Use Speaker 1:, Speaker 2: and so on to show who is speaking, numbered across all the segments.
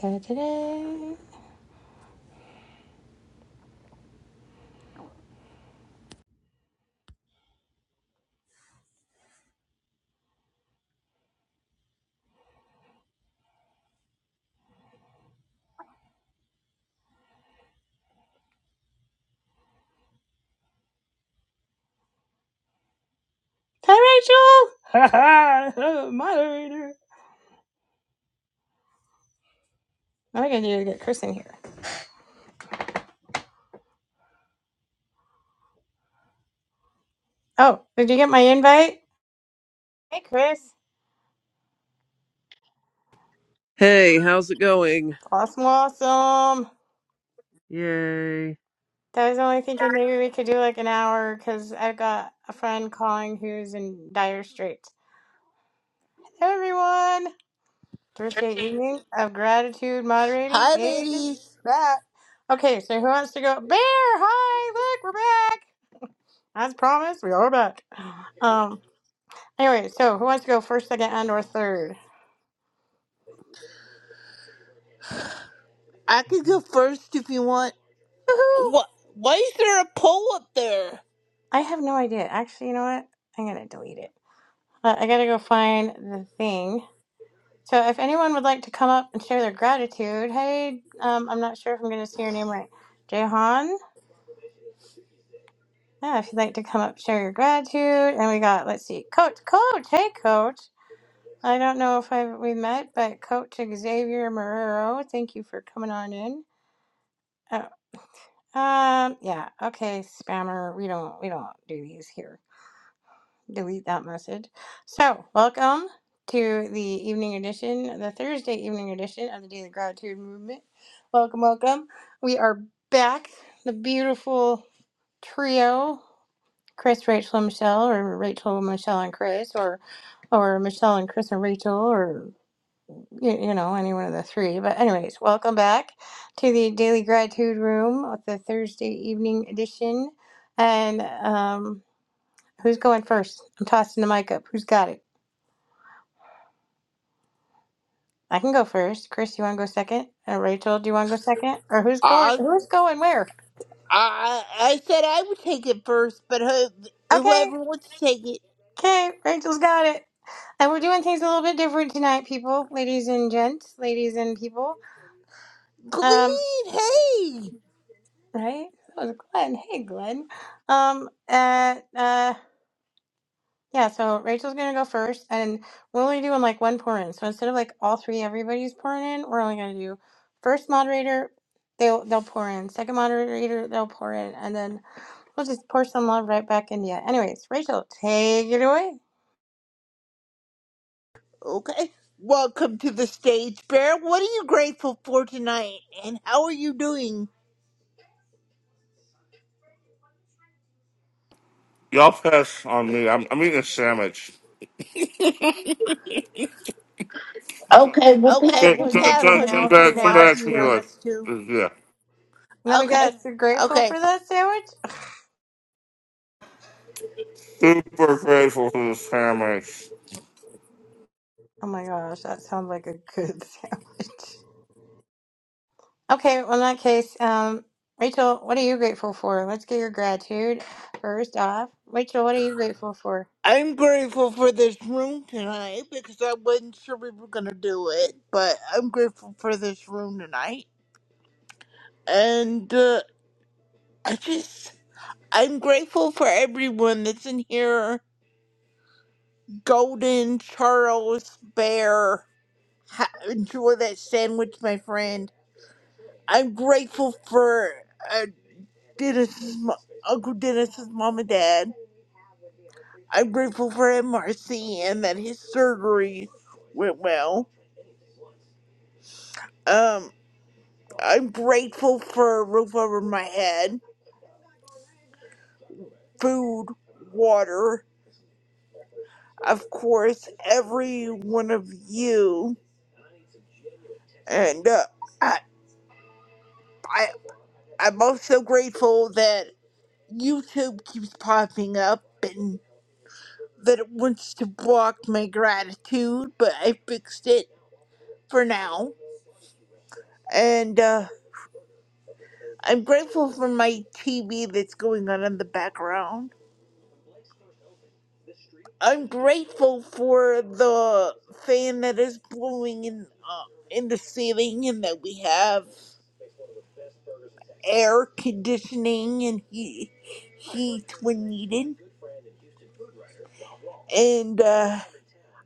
Speaker 1: Da-da-da. Hi, Rachel. Ha Moderator. I think I need to get Chris in here. Oh, did you get my invite? Hey, Chris.
Speaker 2: Hey, how's it going?
Speaker 1: Awesome, awesome.
Speaker 2: Yay.
Speaker 1: I was only thinking maybe we could do like an hour because I've got a friend calling who's in dire straits. Hello, everyone. Thursday evening of gratitude moderating
Speaker 3: Hi,
Speaker 1: is
Speaker 3: ladies.
Speaker 1: that. Okay, so who wants to go? Bear, hi, look, we're back. As promised, we are back. Um, Anyway, so who wants to go first, second, and or third?
Speaker 3: I could go first if you want.
Speaker 1: Woohoo!
Speaker 3: What? Why is there a poll up there?
Speaker 1: I have no idea. Actually, you know what? I'm gonna delete it. Uh, I gotta go find the thing. So if anyone would like to come up and share their gratitude, hey, um, I'm not sure if I'm gonna say your name right. Jehan? Yeah, if you'd like to come up, share your gratitude. And we got, let's see, Coach, Coach, hey, Coach. I don't know if I we met, but Coach Xavier Marrero, thank you for coming on in. Oh, um, yeah, okay, spammer. We don't we don't do these here. delete that message. So, welcome to the evening edition, the Thursday evening edition of the Daily Gratitude Movement. Welcome, welcome. We are back, the beautiful trio, Chris, Rachel, and Michelle, or Rachel, Michelle, and Chris, or or Michelle and Chris and Rachel, or you, you know, any one of the three. But anyways, welcome back to the Daily Gratitude Room with the Thursday evening edition. And um, who's going first? I'm tossing the mic up. Who's got it? I can go first. Chris, you want to go second? Uh, Rachel, do you want to go second? Or who's going?
Speaker 3: I
Speaker 1: Who's going where?
Speaker 3: I I said I would take it first, but who,
Speaker 1: Okay,
Speaker 3: whoever wants to take it,
Speaker 1: okay. Rachel's got it. And we're doing things a little bit different tonight, people, ladies and gents, ladies and people. Um,
Speaker 3: Glean. Hey.
Speaker 1: right? That was Glenn. Hey, Glenn. Um, uh, uh, yeah. So Rachel's gonna go first, and we're only doing like one pour in. So instead of like all three, everybody's pouring in. We're only gonna do first moderator. They'll they'll pour in. Second moderator, they'll pour in, and then We'll just pour some love right back into you. Anyways, Rachel, take it away.
Speaker 3: Okay. Welcome to the stage, Bear. What are you grateful for tonight, and how are you doing?
Speaker 4: Y'all pass on me. I'm, I'm eating a sandwich. Okay, we'll pass
Speaker 3: Okay,
Speaker 4: Come, on come,
Speaker 3: we'll
Speaker 4: you for
Speaker 3: pass
Speaker 4: come, come now
Speaker 3: on
Speaker 4: if you
Speaker 3: you for
Speaker 4: back, come want us
Speaker 3: now if
Speaker 4: back us to
Speaker 3: you
Speaker 4: me
Speaker 3: want us to.
Speaker 4: to. like, yeah.
Speaker 1: Let me
Speaker 3: Okay.
Speaker 1: guess, you're grateful
Speaker 3: Okay.
Speaker 1: for that sandwich?
Speaker 4: Super grateful for the sandwich.
Speaker 1: Oh my gosh, that sounds like a good sandwich. Okay, well, in that case, um, Rachel, what are you grateful for? Let's get your gratitude first off. Rachel, what are you grateful for?
Speaker 3: I'm grateful for this room tonight because I wasn't sure we were gonna do it, but I'm grateful for this room tonight. And uh, I just, I'm grateful for everyone that's in here. Golden, Charles, Bear, ha- enjoy that sandwich, my friend. I'm grateful for uh, Dennis's mo- Uncle Dennis's mom and dad. I'm grateful for him, Marcy, and that his surgery went well. Um. I'm grateful for a roof over my head, food, water, of course, every one of you. And uh, I, I, I'm also grateful that YouTube keeps popping up and that it wants to block my gratitude, but I fixed it for now. And uh, I'm grateful for my TV that's going on in the background. I'm grateful for the fan that is blowing in uh, in the ceiling, and that we have air conditioning and heat heat when needed. And uh,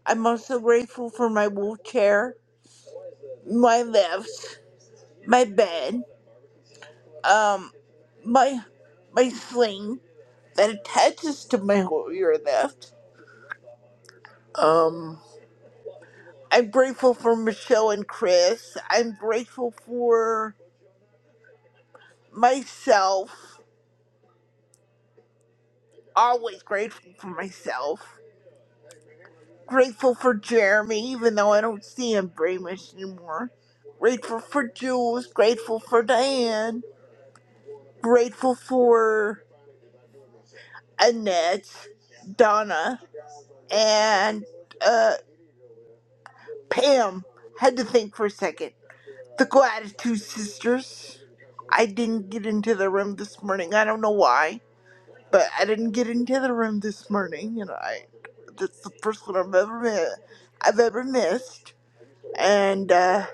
Speaker 3: I'm also grateful for my wheelchair, my lifts, my bed, um, my my sling that attaches to my wheelchair lift. Um, I'm grateful for Michelle and Chris. I'm grateful for myself, always grateful for myself, grateful for Jeremy, even though I don't see him very much anymore, grateful for Jules, grateful for Diane, grateful for Annette, Donna, and uh, Pam. Had to think for a second. The Gratitude Sisters. I didn't get into the room this morning. I don't know why. but I didn't get into the room this morning, and I that's the first one I've ever met, I've ever missed, and uh,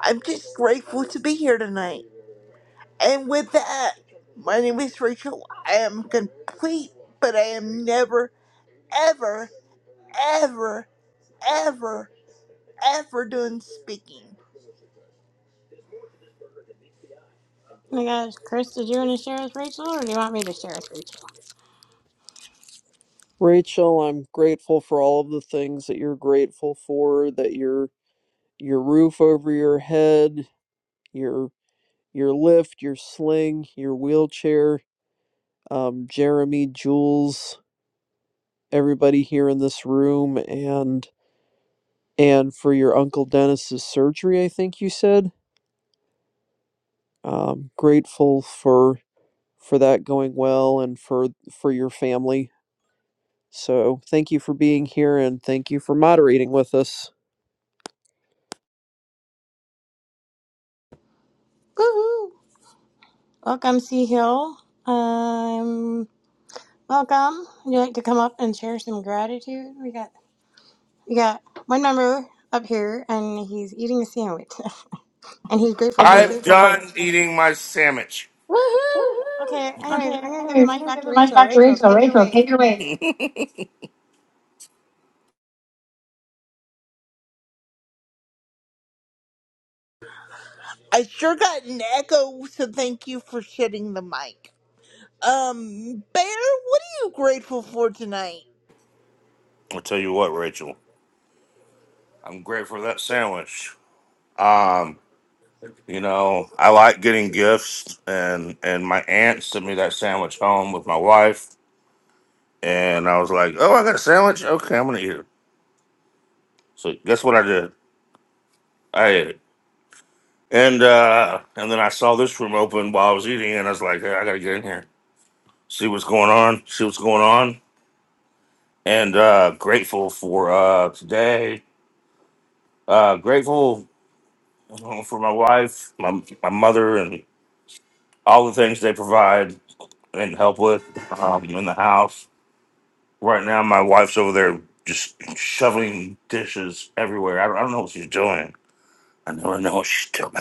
Speaker 3: I'm just grateful to be here tonight. And with that, my name is Rachel. I am complete, but I am never, ever, ever, ever, ever done speaking.
Speaker 1: Oh my gosh, Chris, did you want to share with Rachel or do you want me to share with Rachel?
Speaker 2: Rachel, I'm grateful for all of the things that you're grateful for, that your your roof over your head, your your lift, your sling, your wheelchair, um, Jeremy, Jules, everybody here in this room and and for your uncle Dennis's surgery, I think you said. Um grateful for for that going well and for for your family So thank you for being here and thank you for moderating with us.
Speaker 1: Woohoo! Welcome, Sea Hill. Um, welcome. Would you like to come up and share some gratitude? We got We got one member up here, and he's eating a sandwich, and he's
Speaker 4: And then
Speaker 1: grateful for
Speaker 4: I'm
Speaker 1: that.
Speaker 4: there's a done eating my sandwich. Woohoo!
Speaker 1: Woohoo! Okay. Anyways,
Speaker 4: Okay,
Speaker 1: I'm gonna give the
Speaker 4: anyways, I'm
Speaker 1: mic
Speaker 4: gonna
Speaker 1: back
Speaker 4: give
Speaker 1: to
Speaker 4: the mic
Speaker 1: Rachel.
Speaker 4: back to
Speaker 1: Rachel,
Speaker 4: Rachel.
Speaker 1: take it
Speaker 4: Rachel,
Speaker 1: away.
Speaker 4: take it away.
Speaker 3: I sure got an echo, so thank you for shutting the mic. Um, Bear, what are you grateful for tonight?
Speaker 4: I'll tell you what, Rachel, I'm grateful for that sandwich. Um, you know, I like getting gifts, and and my aunt sent me that sandwich home with my wife, and I was like, oh, I got a sandwich. Okay, I'm gonna eat it. So guess what I did? I ate it. And uh and then I saw this room open while I was eating and I was like, hey, I gotta get in here. See what's going on, see what's going on. And uh grateful for uh today. Uh grateful uh, for my wife, my my mother and all the things they provide and help with um in the house. Right now my wife's over there just shoveling dishes everywhere. I don't, I don't know what she's doing. I never know what she's doing.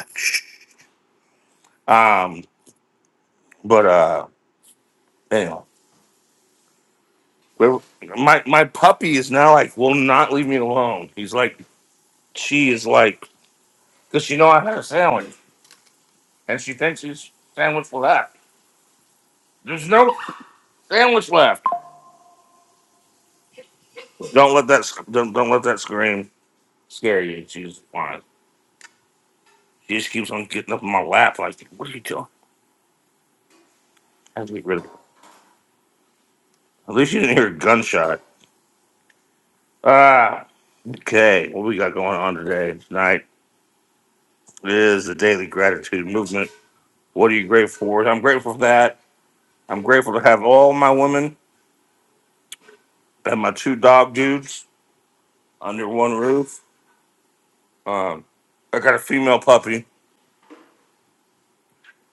Speaker 4: Um but uh anyway. We're- My my puppy is now like will not leave me alone. He's like she is like because she know I had a sandwich and she thinks she's sandwich for that. There's no sandwich left. Don't let that sc- don't, don't let that scream scare you. She's fine. She just keeps on getting up in my lap like what are you doing? I have to get rid of her. At least you didn't hear a gunshot. Ah, okay. What we got going on today? Tonight is the daily gratitude movement. What are you grateful for? I'm grateful for that. I'm grateful to have all my women. and my two dog dudes under one roof. Um, I got a female puppy.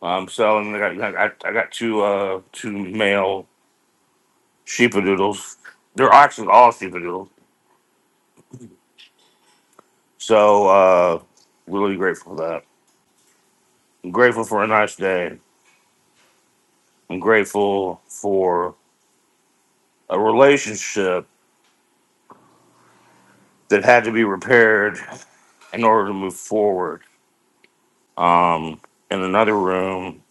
Speaker 4: I'm selling. I got, I got I got two uh two male sheepadoodles. They're actually all sheepadoodles. So uh, really grateful for that. I'm grateful for a nice day. I'm grateful for a relationship that had to be repaired in order to move forward. Um, in another room,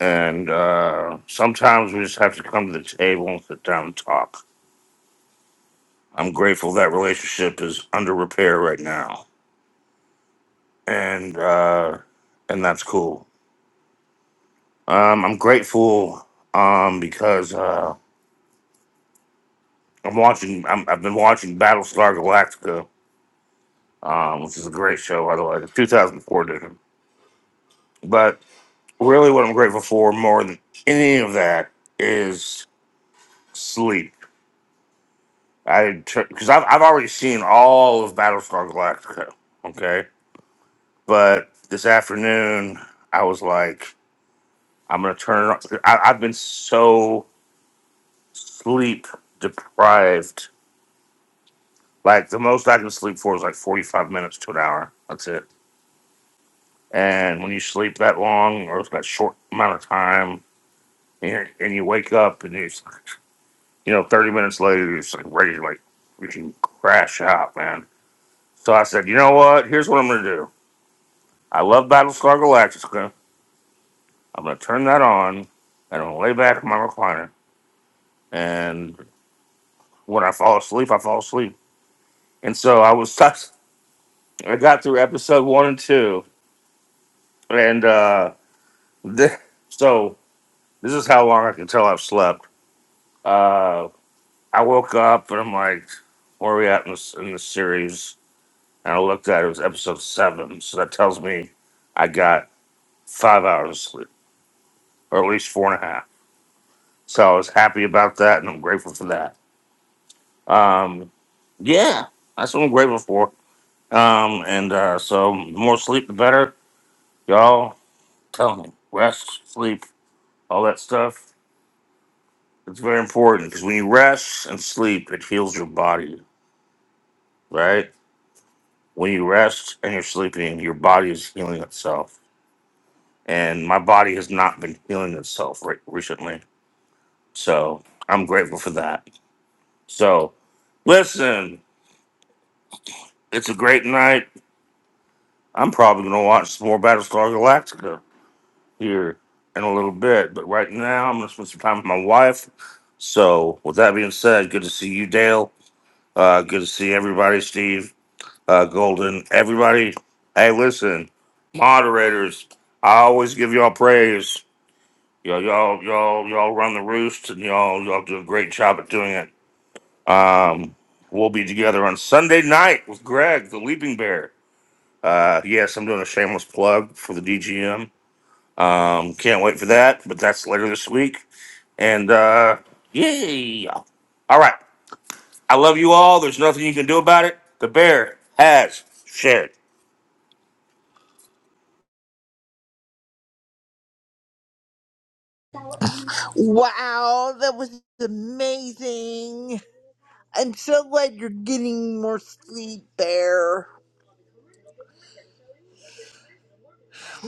Speaker 4: and uh, sometimes we just have to come to the table and sit down and talk I'm grateful that relationship is under repair right now, and uh, and that's cool. Um, I'm grateful um, because uh, I'm watching. I'm, I've been watching Battlestar Galactica, um, which is a great show, by the way, the 2004 edition. But really, what I'm grateful for more than any of that is sleep. I because I've I've already seen all of Battlestar Galactica. Okay, but this afternoon I was like. I'm gonna turn. it- on. I, I've been so sleep deprived. Like the most I can sleep for is like 45 minutes to an hour. That's it. And when you sleep that long or that short amount of time, and, and you wake up and it's, you know, 30 minutes later, you're just like ready to like freaking crash out, man. So I said, you know what? Here's what I'm gonna do. I love Battlestar Galactica. I'm gonna turn that on and I'm gonna lay back in my recliner. And when I fall asleep, I fall asleep And so I was I got through episode one and two, and uh, th- so this is how long I can tell I've slept. Uh, I woke up and I'm like, where are we at in this in this series? And I looked at it, it was episode seven, so that tells me I got five hours of sleep, or at least four and a half. So I was happy about that, and I'm grateful for that. Um, yeah, that's what I'm grateful for. Um, and uh, so the more sleep, the better. Y'all, tell me, rest, sleep all that stuff. It's very important because when you rest and sleep, it heals your body, right? When you rest and you're sleeping, your body is healing itself. And my body has not been healing itself re- recently. So I'm grateful for that. So listen, it's a great night. I'm probably going to watch some more Battlestar Galactica here in a little bit. But right now, I'm going to spend some time with my wife. So with that being said, good to see you, Dale. Uh, good to see everybody, Steve. uh, Golden. Everybody, hey, listen, moderators, I always give y'all praise. Y'all, y'all, y'all, y'all run the roost, and y'all, y'all do a great job at doing it. Um, we'll be together on Sunday night with Greg, the Leaping Bear. Uh, yes, I'm doing a shameless plug for the DGM. Um, can't wait for that, but that's later this week. And uh, yay! All right, I love you all. There's nothing you can do about it. The bear has shared.
Speaker 3: Wow, that was amazing. I'm so glad you're getting more sleep there.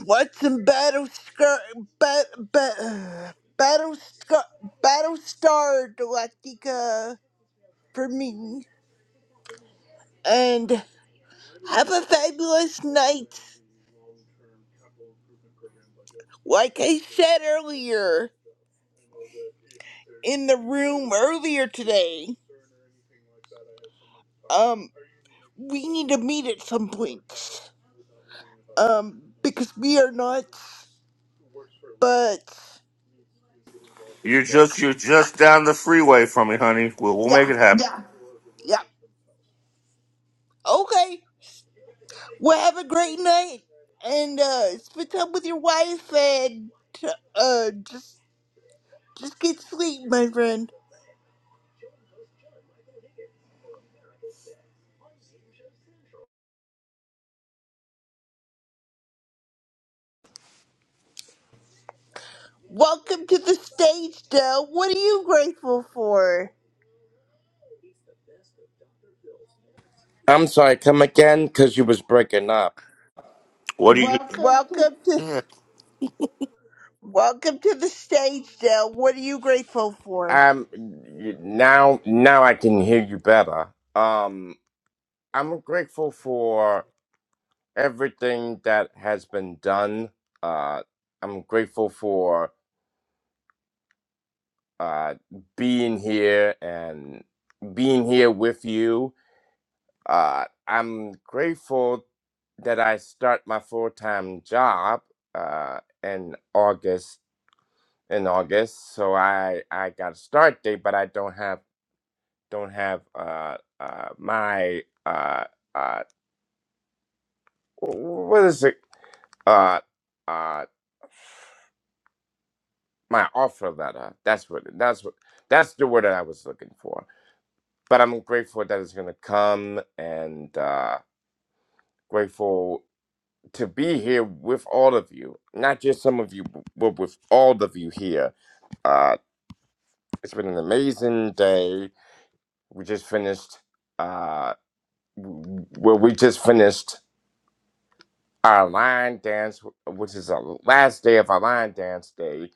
Speaker 3: What's in Battlestar, bat, bat, Battlestar, Battlestar Galactica for me? And have a fabulous night, like I said earlier in the room earlier today. Um, we need to meet at some point. Um, because we are not, but.
Speaker 4: You're just you're just down the freeway from me, honey. We'll we'll make
Speaker 3: Yeah,
Speaker 4: it happen. Yeah.
Speaker 3: yeah. Okay. Well, have a great night, and uh, spend time with your wife, and uh, just just get sleep, my friend. Welcome to the stage, Del. What are you grateful for?
Speaker 5: I'm sorry, come again because you was breaking up.
Speaker 4: What do you? Welcome to. to,
Speaker 3: Welcome to
Speaker 4: Yeah.
Speaker 3: welcome to the stage, Del. What are you grateful for?
Speaker 5: Um, y- now now I can hear you better. Um, I'm grateful for everything that has been done. Uh, I'm grateful for uh being here and being here with you. Uh, I'm grateful that I start my full time job. Uh, in August in August, so I I got a start date, but I don't have don't have uh uh my uh uh what is it uh uh my offer letter that's what that's what that's the word that i was looking for but i'm grateful that it's gonna come and uh grateful to be here with all of you not just some of you but with all of you here uh it's been an amazing day we just finished uh w- well we just finished our line dance, which is the last day of our line dance day,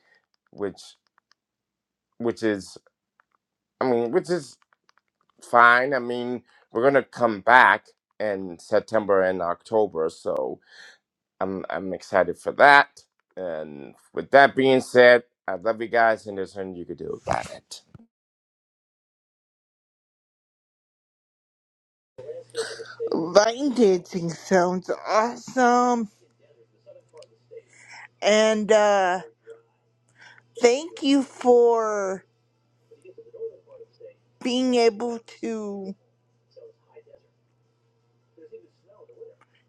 Speaker 5: which which is I mean, which is fine. I mean, we're gonna come back in September and October, so I'm I'm excited for that. And with that being said, I love you guys, and there's nothing you can do about it.
Speaker 3: Line dancing sounds awesome, and uh, thank you for being able to.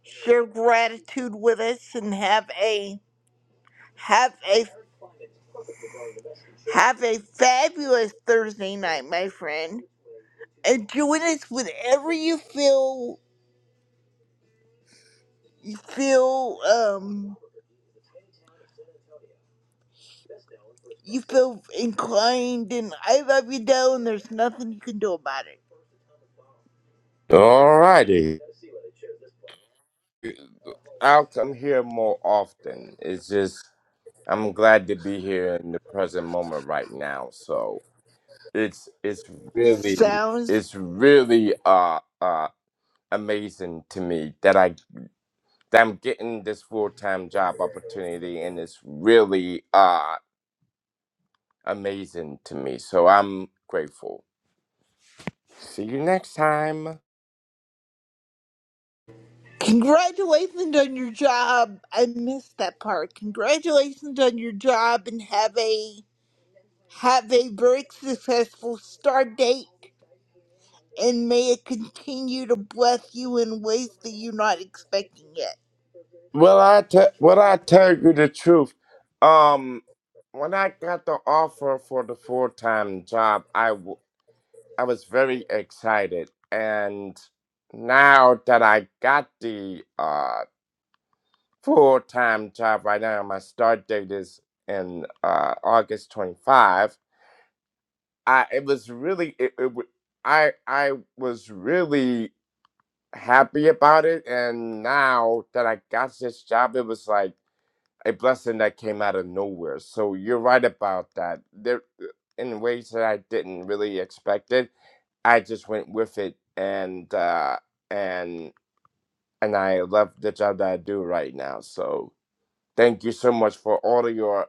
Speaker 3: share gratitude with us and have a have a have a fabulous Thursday night, my friend. And join us whenever you feel you feel um you feel inclined and I love you Del and there's nothing you can do about it.
Speaker 5: Alrighty, I'll come here more often. It's just I'm glad to be here in the present moment right now. So. it's it's really
Speaker 3: Sounds
Speaker 5: it's really uh uh amazing to me that I that I'm getting this full time job opportunity and it's really uh amazing to me. So I'm grateful. See you next time.
Speaker 3: congratulations on your job. I missed that part. Congratulations on your job and have a have a very successful start date and may it continue to bless you in ways that you're not expecting yet.
Speaker 5: Well I te- well I tell you the truth. Um when I got the offer for the full time job I w- I was very excited and now that I got the uh full time job right now. My start date is in uh, August 25. I it was really it, it, wa- I I was really happy about it, and now that I got this job, it was like a blessing that came out of nowhere. So you're right about that. There uh, in ways that I didn't really expect it. I just went with it, and uh, and and I love the job that I do right now. So thank you so much for all of your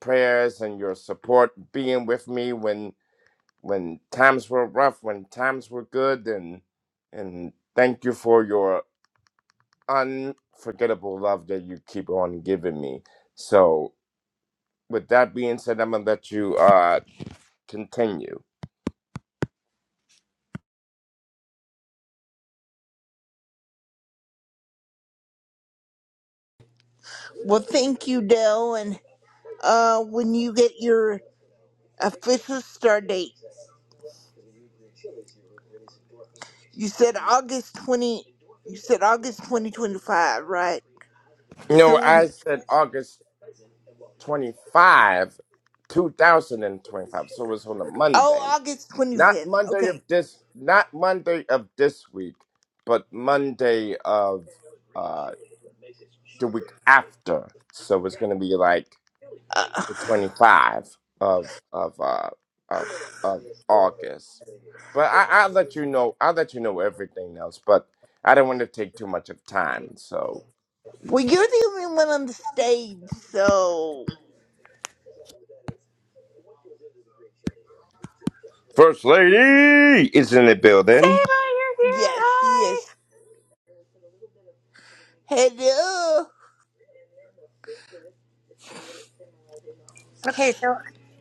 Speaker 5: prayers and your support being with me when when times were rough, when times were good and and thank you for your unforgettable love that you keep on giving me. So with that being said, I'm gonna let you uh continue.
Speaker 3: Well, thank you, Dell. And uh, when you get your official start date, you said August twenty. You said August twenty twenty five, right?
Speaker 5: You
Speaker 3: So
Speaker 5: know, I
Speaker 3: when
Speaker 5: said August twenty five, two thousand and twenty five. So it's on a Monday.
Speaker 3: oh August twenty
Speaker 5: Not
Speaker 3: fifth.
Speaker 5: Monday
Speaker 3: Okay.
Speaker 5: of this not Monday of this week, but Monday of uh, the week after. So it's going to be like
Speaker 3: Uh,
Speaker 5: the 25 of of uh of of August. But I I'll let you know. I'll let you know everything else, but I don't want to take too much of time. So
Speaker 3: well, you're the only one on the stage, so
Speaker 5: First Lady is in the
Speaker 1: Saber,
Speaker 5: building.
Speaker 1: you're here.
Speaker 3: yes, she
Speaker 1: Hi.
Speaker 3: is. Hello,
Speaker 1: Okay, so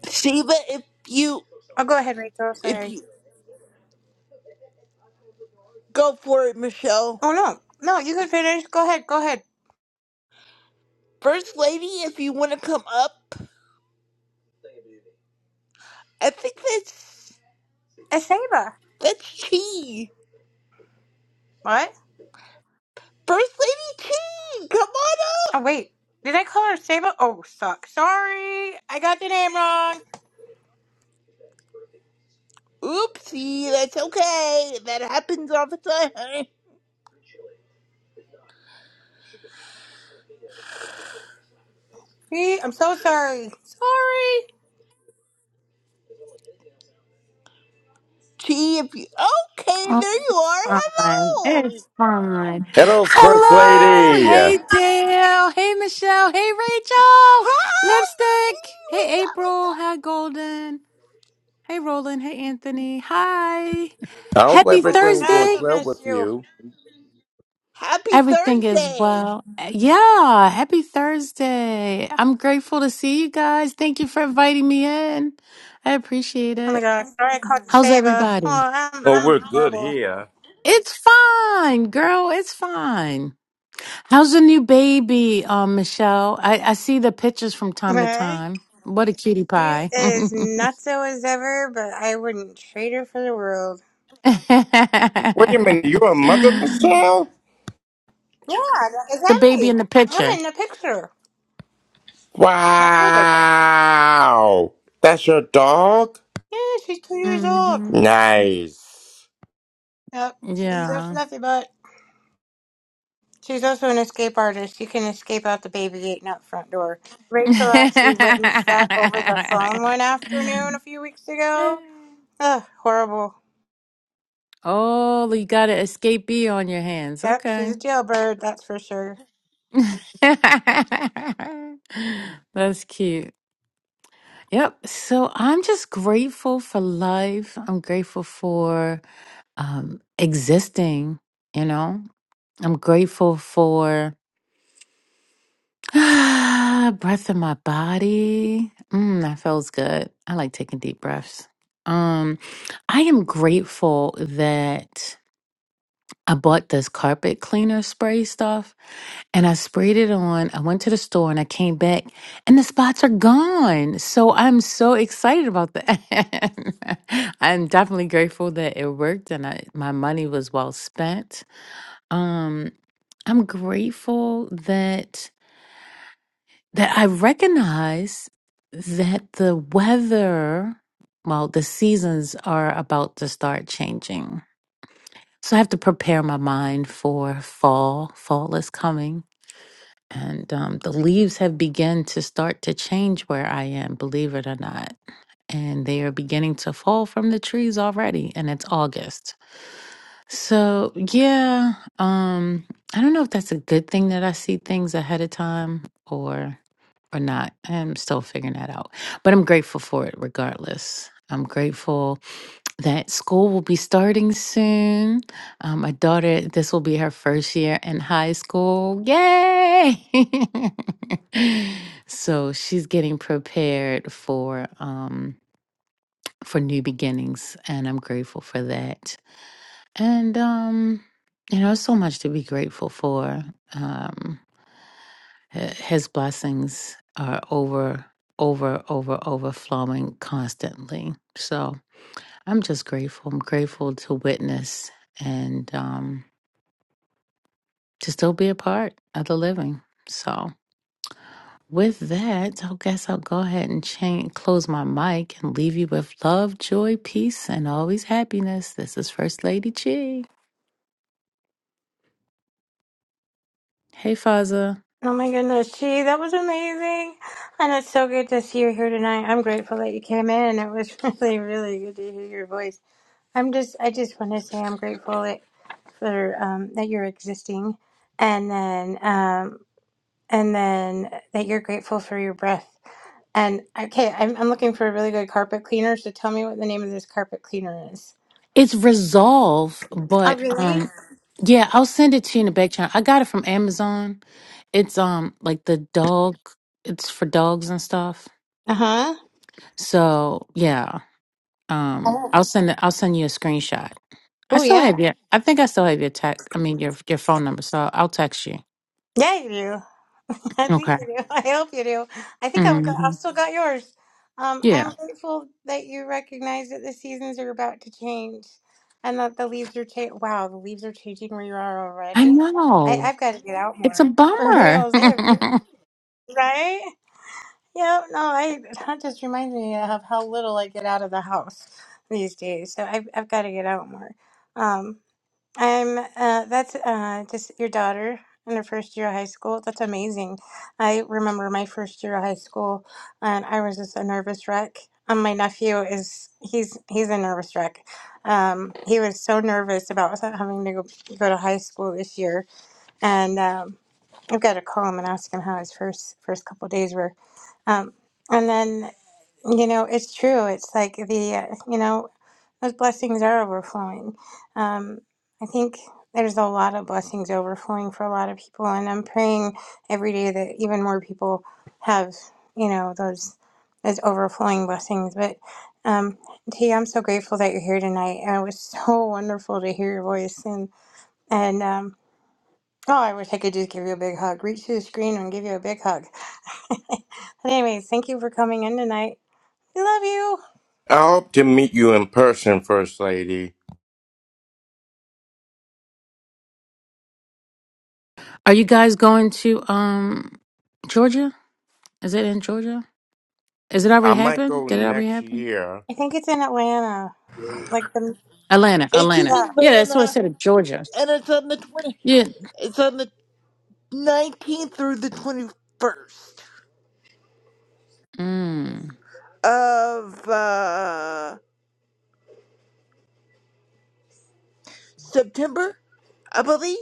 Speaker 3: Sheba. If you
Speaker 1: I'll go ahead, Rachel.
Speaker 3: if
Speaker 1: Sorry.
Speaker 3: you go for it, Michelle.
Speaker 1: Oh no, no, you can finish. Go ahead. Go ahead.
Speaker 3: First lady, if you want to come up, I think that's
Speaker 1: It's Saber.
Speaker 3: that's Chi.
Speaker 1: What?
Speaker 3: First lady Chi, come on up.
Speaker 1: Oh wait, did I call her Saber? Oh, suck. Sorry, I got the name wrong.
Speaker 3: Oopsie, that's okay. That happens all the time.
Speaker 1: See, I'm so sorry. Sorry.
Speaker 3: Chi, if you okay,
Speaker 6: Oh,
Speaker 3: there you
Speaker 6: it's
Speaker 3: are.
Speaker 6: fine.
Speaker 3: Hello.
Speaker 6: It's fine.
Speaker 5: Hello, First
Speaker 1: Bye.
Speaker 6: Hello.
Speaker 5: Lady.
Speaker 6: Hey,
Speaker 5: I
Speaker 6: Dale. Hey, Michelle. Hey, Rachel.
Speaker 3: Hi, Chi.
Speaker 6: Lipstick.
Speaker 3: What's
Speaker 6: Hey,
Speaker 3: up?
Speaker 6: April. Hi, Golden. Hey, Roland. Hey, Anthony. Hi.
Speaker 5: hope
Speaker 6: Happy
Speaker 1: Oh my
Speaker 5: everything
Speaker 1: gosh,
Speaker 5: goes
Speaker 1: I
Speaker 6: Thursday.
Speaker 5: well
Speaker 1: missed
Speaker 5: with
Speaker 1: you.
Speaker 5: you.
Speaker 3: Happy
Speaker 6: Everything is
Speaker 3: Thursday.
Speaker 6: well. Yeah. Happy Thursday. I'm grateful to see you guys. Thank you for inviting me in. I appreciate
Speaker 1: Oh my
Speaker 6: it.
Speaker 1: gosh. Sorry I called you
Speaker 6: How's
Speaker 1: Fava.
Speaker 6: everybody?
Speaker 1: Oh, I'm
Speaker 5: Oh, we're
Speaker 1: I'm
Speaker 5: good
Speaker 1: horrible.
Speaker 5: here.
Speaker 6: It's fine, girl. It's fine. How's the new baby, uh, Michelle? I, I see the pictures from time to
Speaker 1: Right?
Speaker 6: time. What a cutie
Speaker 1: She
Speaker 6: pie.
Speaker 1: is
Speaker 6: the
Speaker 1: nutso as ever, but I wouldn't trade her for the world.
Speaker 5: Wait a minute, you're a mother, Michelle?
Speaker 1: Yeah, that is
Speaker 6: baby
Speaker 1: Emmy.
Speaker 6: in the
Speaker 1: I'm
Speaker 6: picture.
Speaker 1: in the picture. My fur baby.
Speaker 5: Wow. That's your dog?
Speaker 1: Yeah, she's two years old.
Speaker 6: hmm
Speaker 5: Nice.
Speaker 1: Yep. She's a
Speaker 6: Yeah.
Speaker 1: fluffy butt. She's also an escape artist. You can escape out the baby gate and out front door. Rachel actually witnessed that over the phone one afternoon a few weeks ago. Ugh, horrible.
Speaker 6: oh, you got an escapee on your hands.
Speaker 1: Yep, she's
Speaker 6: Okay.
Speaker 1: a jailbird, that's for sure.
Speaker 6: That's cute. Yep. So I'm just grateful for life. I'm grateful for um, existing. You know, I'm grateful for breath in my body. Mm, that feels good. I like taking deep breaths. Um, I am grateful that I bought this carpet cleaner spray stuff and I sprayed it on. I went to the store and I came back and the spots are gone. So I'm so excited about that. I'm definitely grateful that it worked and I, my money was well spent. Um, I'm grateful that that I recognize that the weather, well, the seasons are about to start changing. So I have to prepare my mind for fall. Fall is coming, and um, the leaves have begun to start to change where I am. Believe it or not, and they are beginning to fall from the trees already, and it's August. So, yeah, um, I don't know if that's a good thing that I see things ahead of time or or not. I'm still figuring that out. But I'm grateful for it regardless. I'm grateful that school will be starting soon. Um, my daughter, this will be her first year in high school. Yay! so she's getting prepared for um for new beginnings, and I'm grateful for that. And um, you know, so much to be grateful for. Um, h- his blessings are over, over, over, overflowing constantly. So I'm just grateful. I'm grateful to witness and um, to still be a part of the living. So with that, I guess I'll go ahead and change, close my mic and leave you with love, joy, peace, and always happiness. This is First Lady Chi. Hey, Faza.
Speaker 1: Oh my goodness, gee, that was amazing. And it's so good to see you here tonight. I'm grateful that you came in. It was really, really good to hear your voice. I'm just, I just want to say I'm grateful that, for, um, that you're existing and then, um, and then that you're grateful for your breath. And okay, I'm, I'm looking for a really good carpet cleaner. So tell me what the name of this carpet cleaner is.
Speaker 6: It's Resolve,
Speaker 1: Oh,
Speaker 6: but
Speaker 1: really?
Speaker 6: um yeah, I'll send it to you in the back channel. I got it from Amazon. It's um like the dog it's for dogs and stuff.
Speaker 1: Uh huh.
Speaker 6: So yeah. Um
Speaker 1: Oh,
Speaker 6: I'll send it I'll send you a screenshot. I
Speaker 1: oh
Speaker 6: still
Speaker 1: yeah.
Speaker 6: have your I think I still have your tech I mean your your phone number, so I'll text you.
Speaker 1: Yeah, you do. I think
Speaker 6: Okay.
Speaker 1: you do. I hope you do. I think I've got,
Speaker 6: hmm
Speaker 1: I've still got yours. Um,
Speaker 6: Yeah.
Speaker 1: I'm grateful that you recognize that the seasons are about to change, and that the leaves are changing. Wow, the leaves are changing where you are
Speaker 6: I
Speaker 1: already. I
Speaker 6: know.
Speaker 1: I've got to get out
Speaker 6: It's a
Speaker 1: more for
Speaker 6: bummer.
Speaker 1: reals. I have really, right? Yeah. No, I that just reminds me of how little I get out of the house these days. So I've I've got to get out more. Um, I'm uh, that's uh, just your daughter in her first year of high school. That's amazing. I remember my first year of high school, and I was just a nervous wreck. Um, my nephew is he's he's a nervous wreck. Um, he was so nervous about having to go, go to high school this year, and um, I've got to call him and ask him how his first first couple of days were. Um, and then you know, it's true. It's like the uh, you know, those blessings are overflowing. Um, I think there's a lot of blessings overflowing for a lot of people, and I'm praying every day that even more people have you know those those overflowing blessings. But um, T, I'm so grateful that you're here tonight. And it was so wonderful to hear your voice and and. um, Oh, I wish I could just give you a big hug. Reach through the screen and give you a big hug. But anyways, thank you for coming in tonight. We love you.
Speaker 5: I hope to meet you in person, First Lady.
Speaker 6: Are you guys going to um Georgia? Is it in Georgia? Is it
Speaker 5: I
Speaker 6: already
Speaker 5: might
Speaker 6: happened?
Speaker 5: go
Speaker 6: Did it already
Speaker 5: next
Speaker 6: happen?
Speaker 5: year.
Speaker 1: I think it's in Atlanta. Like the
Speaker 6: Atlanta,
Speaker 3: It's in
Speaker 6: Atlanta.
Speaker 1: yeah.
Speaker 6: Yeah, that's what I
Speaker 3: Havana,
Speaker 6: said. of Georgia.
Speaker 3: and it's on the twenty.
Speaker 6: Yeah.
Speaker 3: It's on the nineteenth through the twenty-first
Speaker 6: Mm.
Speaker 3: of uh, September, I believe.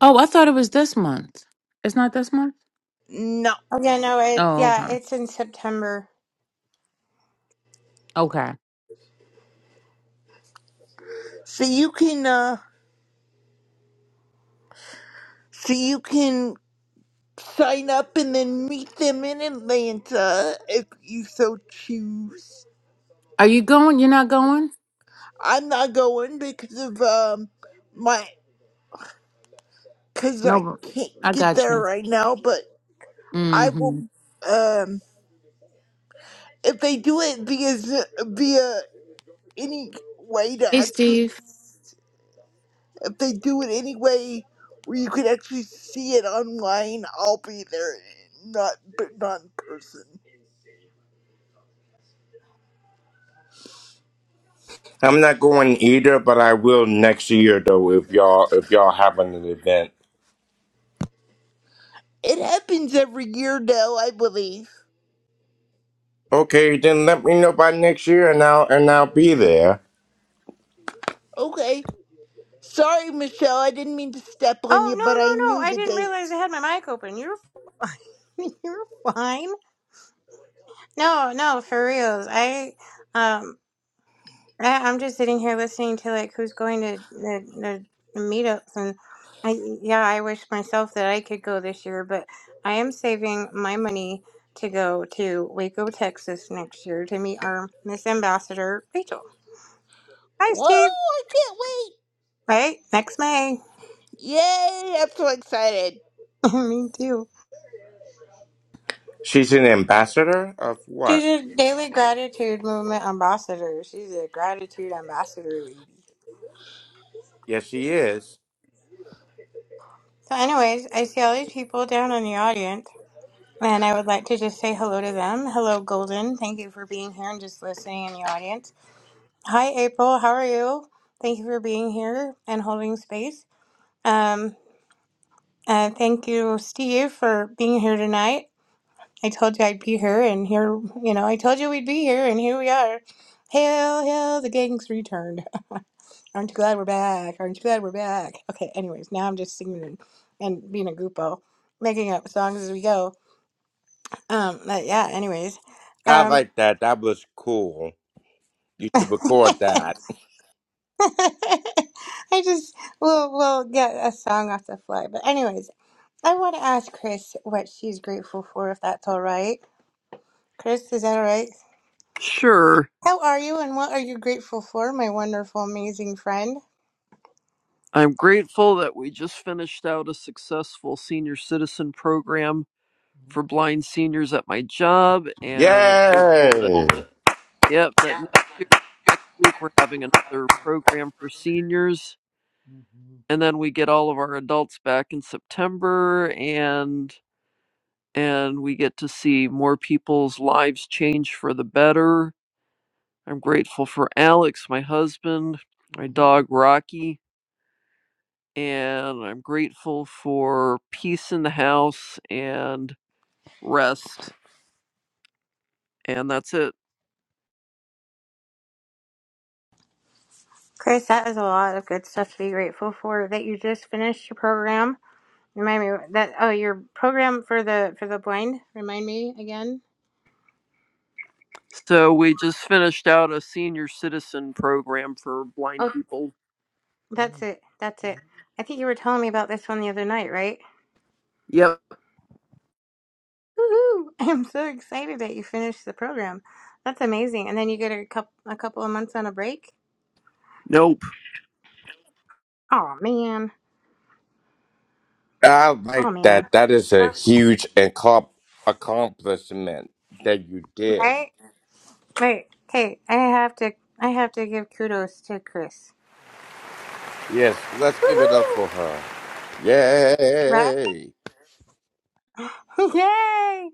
Speaker 6: Oh, I thought it was this month. It's not this month.
Speaker 3: No.
Speaker 1: Oh yeah, no, it
Speaker 6: Oh,
Speaker 1: yeah,
Speaker 6: okay.
Speaker 1: it's in September.
Speaker 6: Okay.
Speaker 3: So you can uh so you can sign up and then meet them in Atlanta if you so choose.
Speaker 6: Are you going? You're not going?
Speaker 3: I'm not going because of um my cuz
Speaker 6: No.
Speaker 3: I
Speaker 6: but- I
Speaker 3: can't get
Speaker 6: got
Speaker 3: there
Speaker 6: you.
Speaker 3: right now, but I will
Speaker 6: Mm-hmm.
Speaker 3: um if they do it via Z- via any way to
Speaker 6: Hey,
Speaker 3: actually
Speaker 6: Steve.
Speaker 3: if they do it anyway where you can actually see it online, I'll be there, not but not in person.
Speaker 5: I'm not going either, but I will next year though if y'all if y'all having an event.
Speaker 3: It happens every year though I believe.
Speaker 5: Okay, then let me know by next year and I'll and I'll be there.
Speaker 3: Okay. Sorry, Michelle, I didn't mean to step on
Speaker 1: Oh
Speaker 3: you,
Speaker 1: no,
Speaker 3: but I
Speaker 1: no,
Speaker 3: knew
Speaker 1: no! I
Speaker 3: the
Speaker 1: didn't realize I
Speaker 3: dates.
Speaker 1: had my mic open. You're fine. You're fine. No, no, for reals. I um I, I'm just sitting here listening to like who's going to the, the, the meetups, and I yeah, I wish myself that I could go this year, but I am saving my money to go to Waco, Texas next year to meet our Miss Ambassador Rachel. Hi,
Speaker 3: Whoa,
Speaker 1: Steve.
Speaker 3: I can't
Speaker 1: Right next May.
Speaker 3: wait. Yay, I'm so excited.
Speaker 1: Me too.
Speaker 5: She's an ambassador of
Speaker 1: She's
Speaker 5: what?
Speaker 1: a daily gratitude movement ambassador. She's a gratitude ambassador lady.
Speaker 5: Yes she is.
Speaker 1: So, anyways, I see all these people down in the audience. And I would like to just say hello to them. Hello, Golden. Thank you for being here and just listening in the audience. Hi, April. How are you? Thank you for being here and holding space. Um, uh, thank you, Steve, for being here tonight. I told you I'd be here, and here, you know, I told you we'd be here, and here we are. Hail, hail, the gang's returned. Aren't you glad we're back? Aren't you glad we're back? Okay, anyways, now I'm just singing and, and being a grupo, making up songs as we go. Um, but yeah, anyways.
Speaker 5: I
Speaker 1: Um,
Speaker 5: like that. That was cool. You should record that.
Speaker 1: I just will will get a song off the fly. But anyways, I want to ask Chris what she's grateful for, if that's all right. Chris, is that all right?
Speaker 2: Sure.
Speaker 1: How are you, and what are you grateful for, my wonderful, amazing friend?
Speaker 2: I'm grateful that we just finished out a successful senior citizen program for blind seniors at my job. And I'm grateful that,
Speaker 5: Yay!
Speaker 2: yep, that next, year, next week we're having another program for seniors. And then we get all of our adults back in September and and we get to see more people's lives change for the better I'm grateful for Alex, my husband, my dog Rocky, and I'm grateful for peace in the house and rest. And that's it.
Speaker 1: Chris, that is a lot of good stuff to be grateful for. That you just finished your program. Remind me that oh, your program for the for the blind. Remind me again.
Speaker 2: So we just finished out a senior citizen program for blind
Speaker 1: Oh,
Speaker 2: people.
Speaker 1: that's it. That's it. I think you were telling me about this one the other night, right?
Speaker 2: Yep.
Speaker 1: Woohoo! I'm so excited that you finished the program. That's amazing. And then you get a couple a couple of months on a break.
Speaker 2: Nope.
Speaker 1: Oh man.
Speaker 5: I
Speaker 1: Oh
Speaker 5: like
Speaker 1: man.
Speaker 5: that. That is a
Speaker 1: Oh,
Speaker 5: huge accom- accomplishment that you did.
Speaker 1: Right? Wait. Hey, I have to I have to give kudos to Chris.
Speaker 5: Yes, let's give it up for
Speaker 1: Woohoo!
Speaker 5: her.
Speaker 1: Right?
Speaker 5: Yay!
Speaker 1: Yay!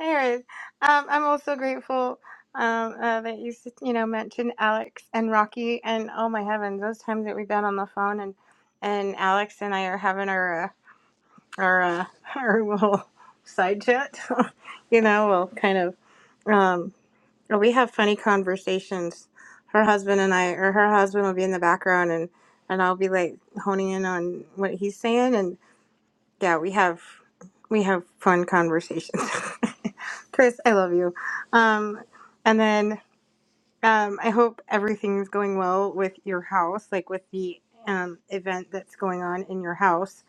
Speaker 1: Anyways, um, I'm also grateful um, uh, that you s- you know mentioned Alex and Rocky and oh my heavens, those times that we've been on the phone and and Alex and I are having our uh, our uh, our little side chat. you know, we'll kind of um, we have funny conversations. Her husband and I, or her husband will be in the background, and and I'll be like honing in on what he's saying, and yeah, we have we have fun conversations. Chris, I love you. Um, and then um, I hope everything's going well with your house, like with the um, event that's going on in your house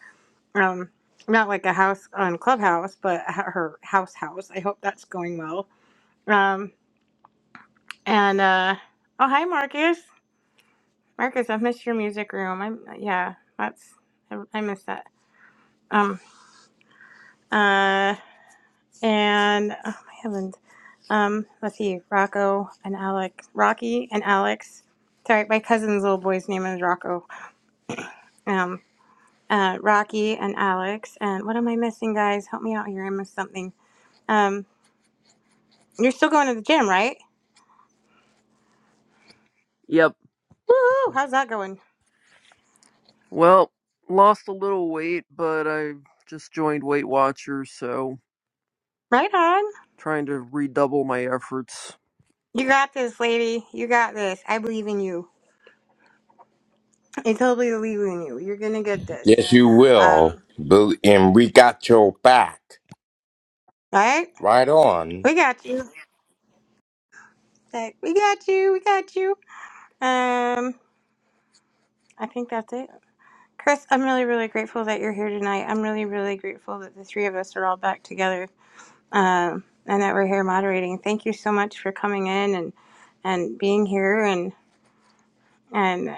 Speaker 1: um, not like a house on Clubhouse, but h- her house house. I hope that's going well. Um, and uh, oh, hi, Marcus. Marcus, I've missed your music room. I'm yeah, that's I, I miss that. Um, uh, and oh my heavens. Um, let's see, Rocco and Alex, Rocky and Alex. Sorry, my cousin's little boy's name is Rocco. Um, uh, Rocky and Alex. And what am I missing, guys? Help me out here. I missed something. Um, you're still going to the gym, right?
Speaker 2: Yep.
Speaker 1: Woohoo! How's that going?
Speaker 2: Well, lost a little weight, but I just joined Weight Watchers, so
Speaker 1: Right on.
Speaker 2: trying to redouble my efforts.
Speaker 1: You got this, lady. You got this. I believe in you. I totally believe in you. You're gonna get this.
Speaker 5: Yes, you will.
Speaker 1: Um,
Speaker 5: Bel- And we got your back.
Speaker 1: right?
Speaker 5: Right on.
Speaker 1: We got you. Like, we got you. We got you. Um, I think that's it. Chris, I'm really, really grateful that you're here tonight. I'm really, really grateful that the three of us are all back together. Um, and that we're here moderating. Thank you so much for coming in and and being here and and.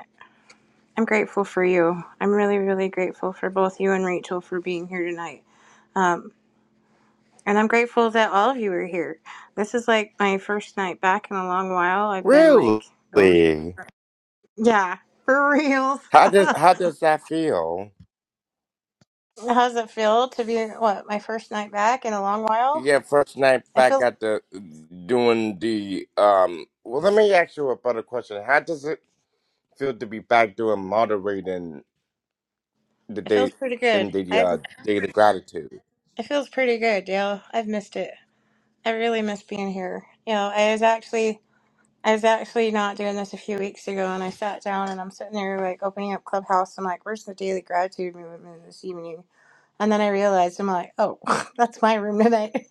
Speaker 1: I'm grateful for you. I'm really, really grateful for both you and Rachel for being here tonight. Um, and I'm grateful that all of you are here. This is like my first night back in a long while. I've been like going through.
Speaker 5: Really?
Speaker 1: Yeah, for real.
Speaker 5: How does how does that feel?
Speaker 1: How's it feel to be what my first night back in a long while?
Speaker 5: Yeah, first night
Speaker 1: I
Speaker 5: back
Speaker 1: feel
Speaker 5: at the doing the um. Well, let me ask you a better question. How does it feel to be back doing moderating the
Speaker 1: it
Speaker 5: day
Speaker 1: feels pretty
Speaker 5: in
Speaker 1: good.
Speaker 5: the
Speaker 1: I've
Speaker 5: uh, day of gratitude.
Speaker 1: it feels pretty good, Dale. I've missed it. I really miss being here. You know, I was actually I was actually not doing this a few weeks ago, and I sat down and I'm sitting there like opening up Clubhouse. I'm like, "Where's the daily gratitude movement this evening?" And then I realized I'm like, "Oh, that's my room tonight,"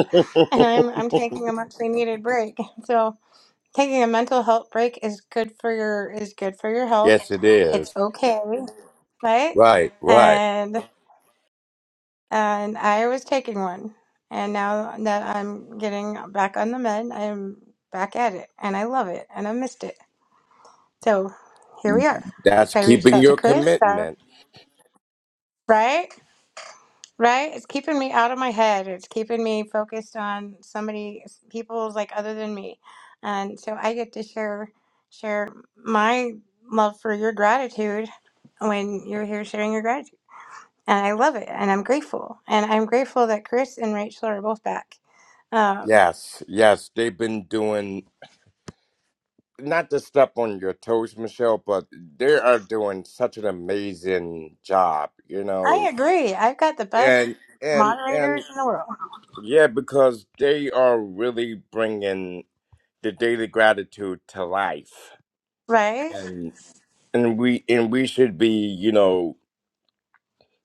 Speaker 1: and I'm I'm taking a muchly needed break. So taking a mental health break is good for your is good for your health.
Speaker 5: yes, it
Speaker 1: It's
Speaker 5: is.
Speaker 1: okay, right?
Speaker 5: Right, right.
Speaker 1: And and I was taking one, and now that I'm getting back on the med, I'm back at it, and I love it, and I missed it. So here
Speaker 5: Mm,
Speaker 1: we are.
Speaker 5: That's
Speaker 1: So I reached
Speaker 5: keeping
Speaker 1: out to
Speaker 5: your
Speaker 1: Chris. uh,
Speaker 5: commitment.
Speaker 1: right? Right? It's keeping me out of my head. It's keeping me focused on somebody, people's like other than me. And so I get to share share my love for your gratitude when you're here sharing your gratitude. And I love it. And I'm grateful. And I'm grateful that Chris and Rachel are both back. Um,
Speaker 5: Yes, yes. They've been doing not to step on your toes, Michelle, but they are doing such an amazing job. You know,
Speaker 1: I agree. I've got the best
Speaker 5: and and and
Speaker 1: moderators in the world.
Speaker 5: yeah, because they are really bringing the daily gratitude to life,
Speaker 1: Right?
Speaker 5: and and we and we should be, you know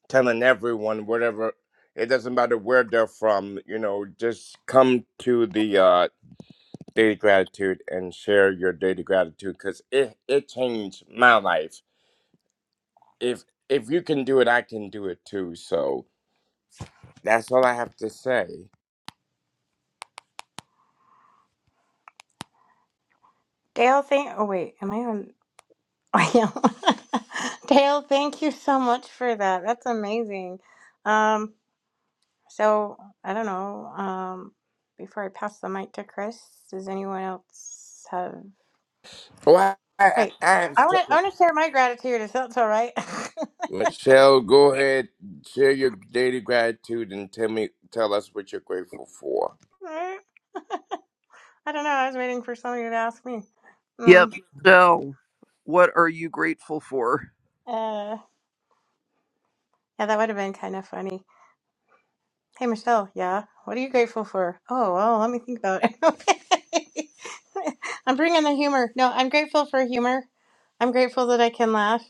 Speaker 5: telling everyone whatever it doesn't matter where they're from you know just come to the uh daily gratitude and share your daily gratitude because it it changed my life if if you can do it i can do it too so that's all i have to say
Speaker 1: Dale, think. Oh, wait. Am I on? I am. Dale, thank you so much for that. That's amazing. Um, so I don't know. Um, before I pass the mic to Chris, does anyone else have?
Speaker 5: oh i i, I
Speaker 1: Wait,
Speaker 5: have
Speaker 1: I want to.
Speaker 5: something.
Speaker 1: I want to share my gratitude. If that's all right.
Speaker 5: michelle go ahead share your daily gratitude and tell me tell us what you're grateful for
Speaker 1: I don't know. I was waiting for somebody to ask me.
Speaker 2: Yep.
Speaker 1: Um,
Speaker 2: So, what are you grateful for?
Speaker 1: uh, yeah, that would have been kind of funny. Hey Michelle, yeah. What are you grateful for? Oh well, let me think about it. I'm bringing the humor. No, I'm grateful for humor. I'm grateful that I can laugh,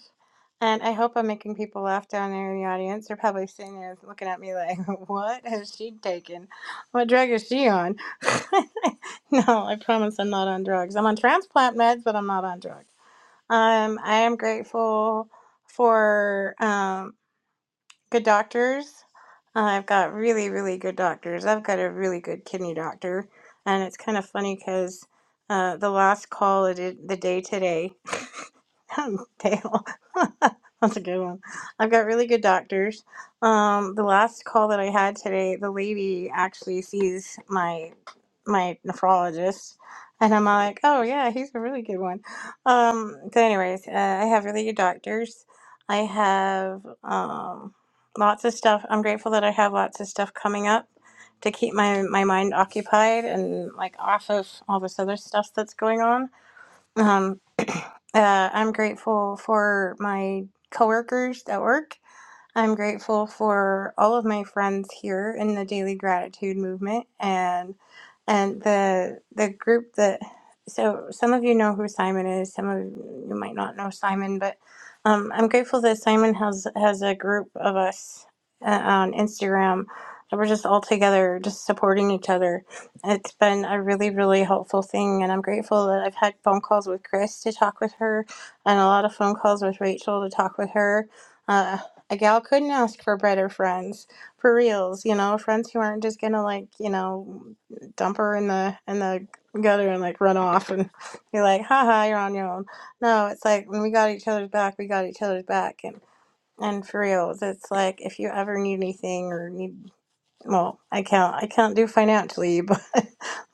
Speaker 1: and I hope I'm making people laugh down there in the audience. They're probably sitting there looking at me like, "What has she taken? What drug is she on?" no, I promise I'm not on drugs. I'm on transplant meds, but I'm not on drugs. Um, I am grateful for. um good doctors. Uh, I've got really, really good doctors. I've got a really good kidney doctor, and it's kind of funny because uh, the last call of the the day today. Dale. That's a good one. I've got really good doctors. Um, the last call that I had today, the lady actually sees my my nephrologist, and I'm like, oh yeah, he's a really good one. Um, so, anyways, uh, I have really good doctors. I have um, lots of stuff. I'm grateful that I have lots of stuff coming up to keep my my mind occupied and like off of all this other stuff that's going on. Um, uh, I'm grateful for my coworkers at work. I'm grateful for all of my friends here in the daily gratitude movement and and the the group that so some of you know who Simon is, some of you might not know Simon, but um, I'm grateful that Simon has has a group of us uh, on Instagram that we're just all together, just supporting each other. It's been a really really helpful thing, and I'm grateful that I've had phone calls with Chris to talk with her, and a lot of phone calls with Rachel to talk with her. uh, a gal couldn't ask for better friends for reals you know friends who aren't just gonna like you know dump her in the in the gutter and like run off and be like haha you're on your own no it's like when we got each other's back we got each other's back and and for reals it's like if you ever need anything or need well, I can't I can't do financially, but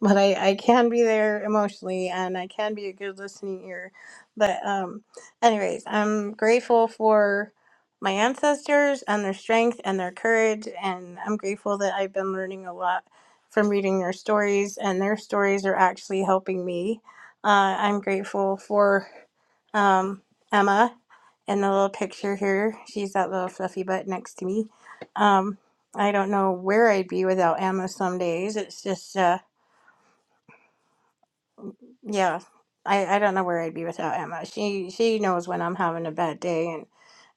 Speaker 1: but I I can be there emotionally and I can be a good listening ear. But um anyways, I'm grateful for my ancestors and their strength and their courage and I'm grateful that I've been learning a lot from reading their stories and their stories are actually helping me. Uh, I'm grateful for um, Emma in the little picture here. She's that little fluffy butt next to me. Um, I don't know where I'd be without Emma some days. It's just uh yeah. I, I don't know where I'd be without Emma. She she knows when I'm having a bad day and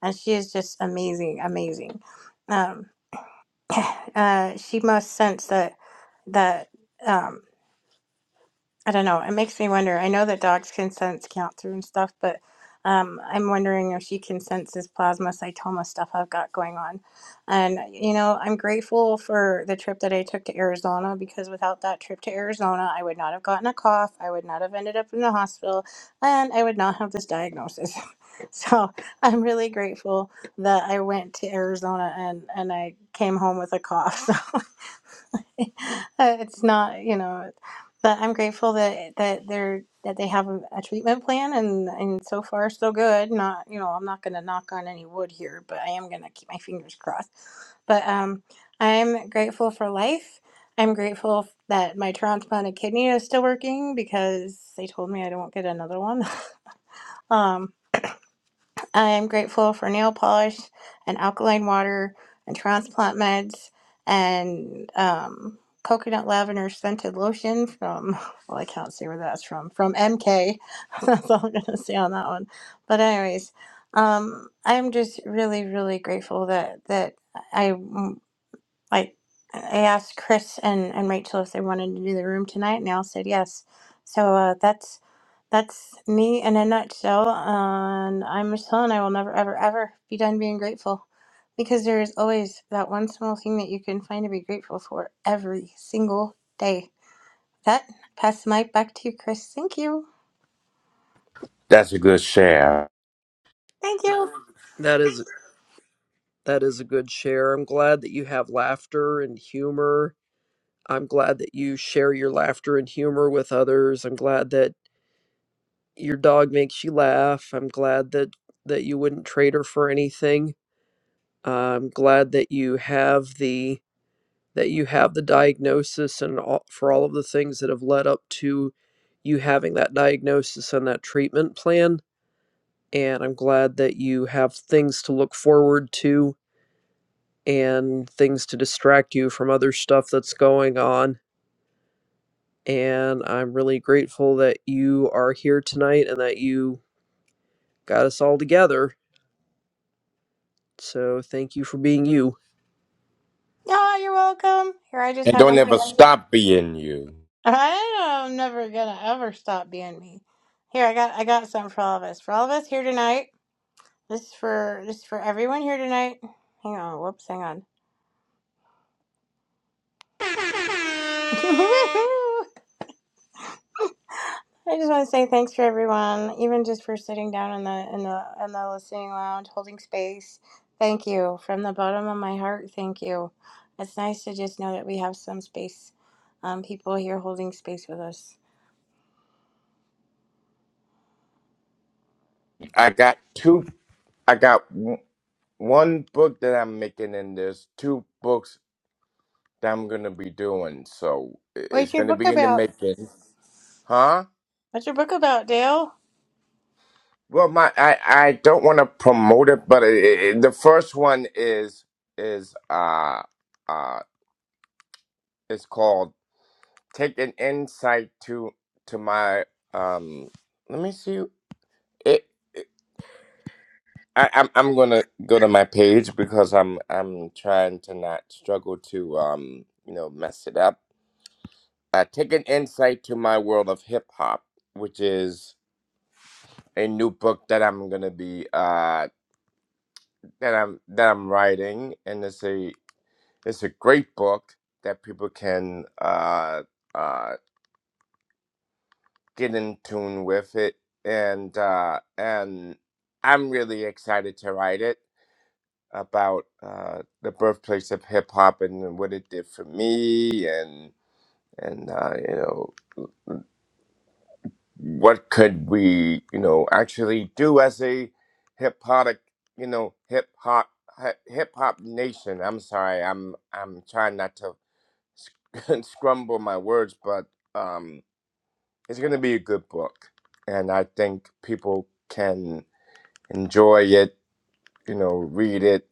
Speaker 1: and she is just amazing, amazing. Um uh she must sense that that um. I don't know. It makes me wonder. I know that dogs can sense count through and stuff, but um, I'm wondering if she can sense this plasmacytoma stuff I've got going on. And, you know, I'm grateful for the trip that I took to Arizona because without that trip to Arizona, I would not have gotten a cough. I would not have ended up in the hospital and I would not have this diagnosis. so I'm really grateful that I went to Arizona and, and I came home with a cough. Uh, it's not, you know, but I'm grateful that that they're that they have a, a treatment plan and and so far so good. Not, you know, I'm not going to knock on any wood here, but I am going to keep my fingers crossed. But um, I'm grateful for life. I'm grateful that my transplanted kidney is still working because they told me I don't get another one. Um, I am grateful for nail polish and alkaline water and transplant meds and um, coconut lavender scented lotion from, well, I can't see where that's from, from MK. that's all I'm going to say on that one. But, anyways, um, I'm just really, really grateful that, that. I. Like I asked Chris and, and Rachel if they wanted to do the room tonight, and they all said yes. So uh, that's that's me in a nutshell. And I'm Michelle, and I will never ever ever be done being grateful, because there is always that one small thing that you can find to be grateful for every single day. That pass the mic back to you, Chris. Thank you.
Speaker 5: that's a good share
Speaker 1: Thank you.
Speaker 2: That is That is a good share. I'm glad that you have laughter and humor. I'm glad that you share your laughter and humor with others. I'm glad that your dog makes you laugh. I'm glad that that you wouldn't trade her for anything. I'm glad that you have the that you have the diagnosis and all, for all of the things that have led up to you having that diagnosis and that treatment plan. And I'm glad that you have things to look forward to and things to distract you from other stuff that's going on. And I'm really grateful that you are here tonight and that you got us all together. So thank you for being you.
Speaker 1: Oh, you're welcome. Here, I just
Speaker 5: and
Speaker 1: have
Speaker 5: don't
Speaker 1: one thing.
Speaker 5: ever stop being you
Speaker 1: I am never gonna ever stop being me. Here, I got I got something for all of us. For all of us here tonight. This is for this is for everyone here tonight. Hang on, whoops, hang on. I just want to say thanks for everyone, even just for sitting down in the in the in the listening lounge, holding space. Thank you from the bottom of my heart. Thank you. It's nice to just know that we have some space, um, people here holding space with us.
Speaker 5: i got two I got w- one book that I'm making, and there's two books that I'm gonna be doing. So i-
Speaker 1: What's
Speaker 5: it's
Speaker 1: your
Speaker 5: gonna
Speaker 1: book
Speaker 5: be in the
Speaker 1: about?
Speaker 5: making, huh?
Speaker 1: What's your book about, Dale?
Speaker 5: Well, my I, I don't want to promote it, but it, it, the first one is is uh uh it's called "Take an Insight to to my um." Let me see. It, it I I'm I'm gonna go to my page because I'm I'm trying to not struggle to um you know mess it up uh, take an insight to my world of hip hop, which is a new book that I'm gonna be uh, that I'm that I'm writing, and it's a it's a great book that people can uh, uh, get in tune with it, and uh, and I'm really excited to write it about uh, the birthplace of hip hop and what it did for me, and and uh, you know. what could we, you know, actually do as a hip hop, you know, hip hop hip hop nation. I'm sorry, I'm I'm trying not to sc- scrumble my words, but um, it's gonna be a good book, and I think people can enjoy it, you know, read it.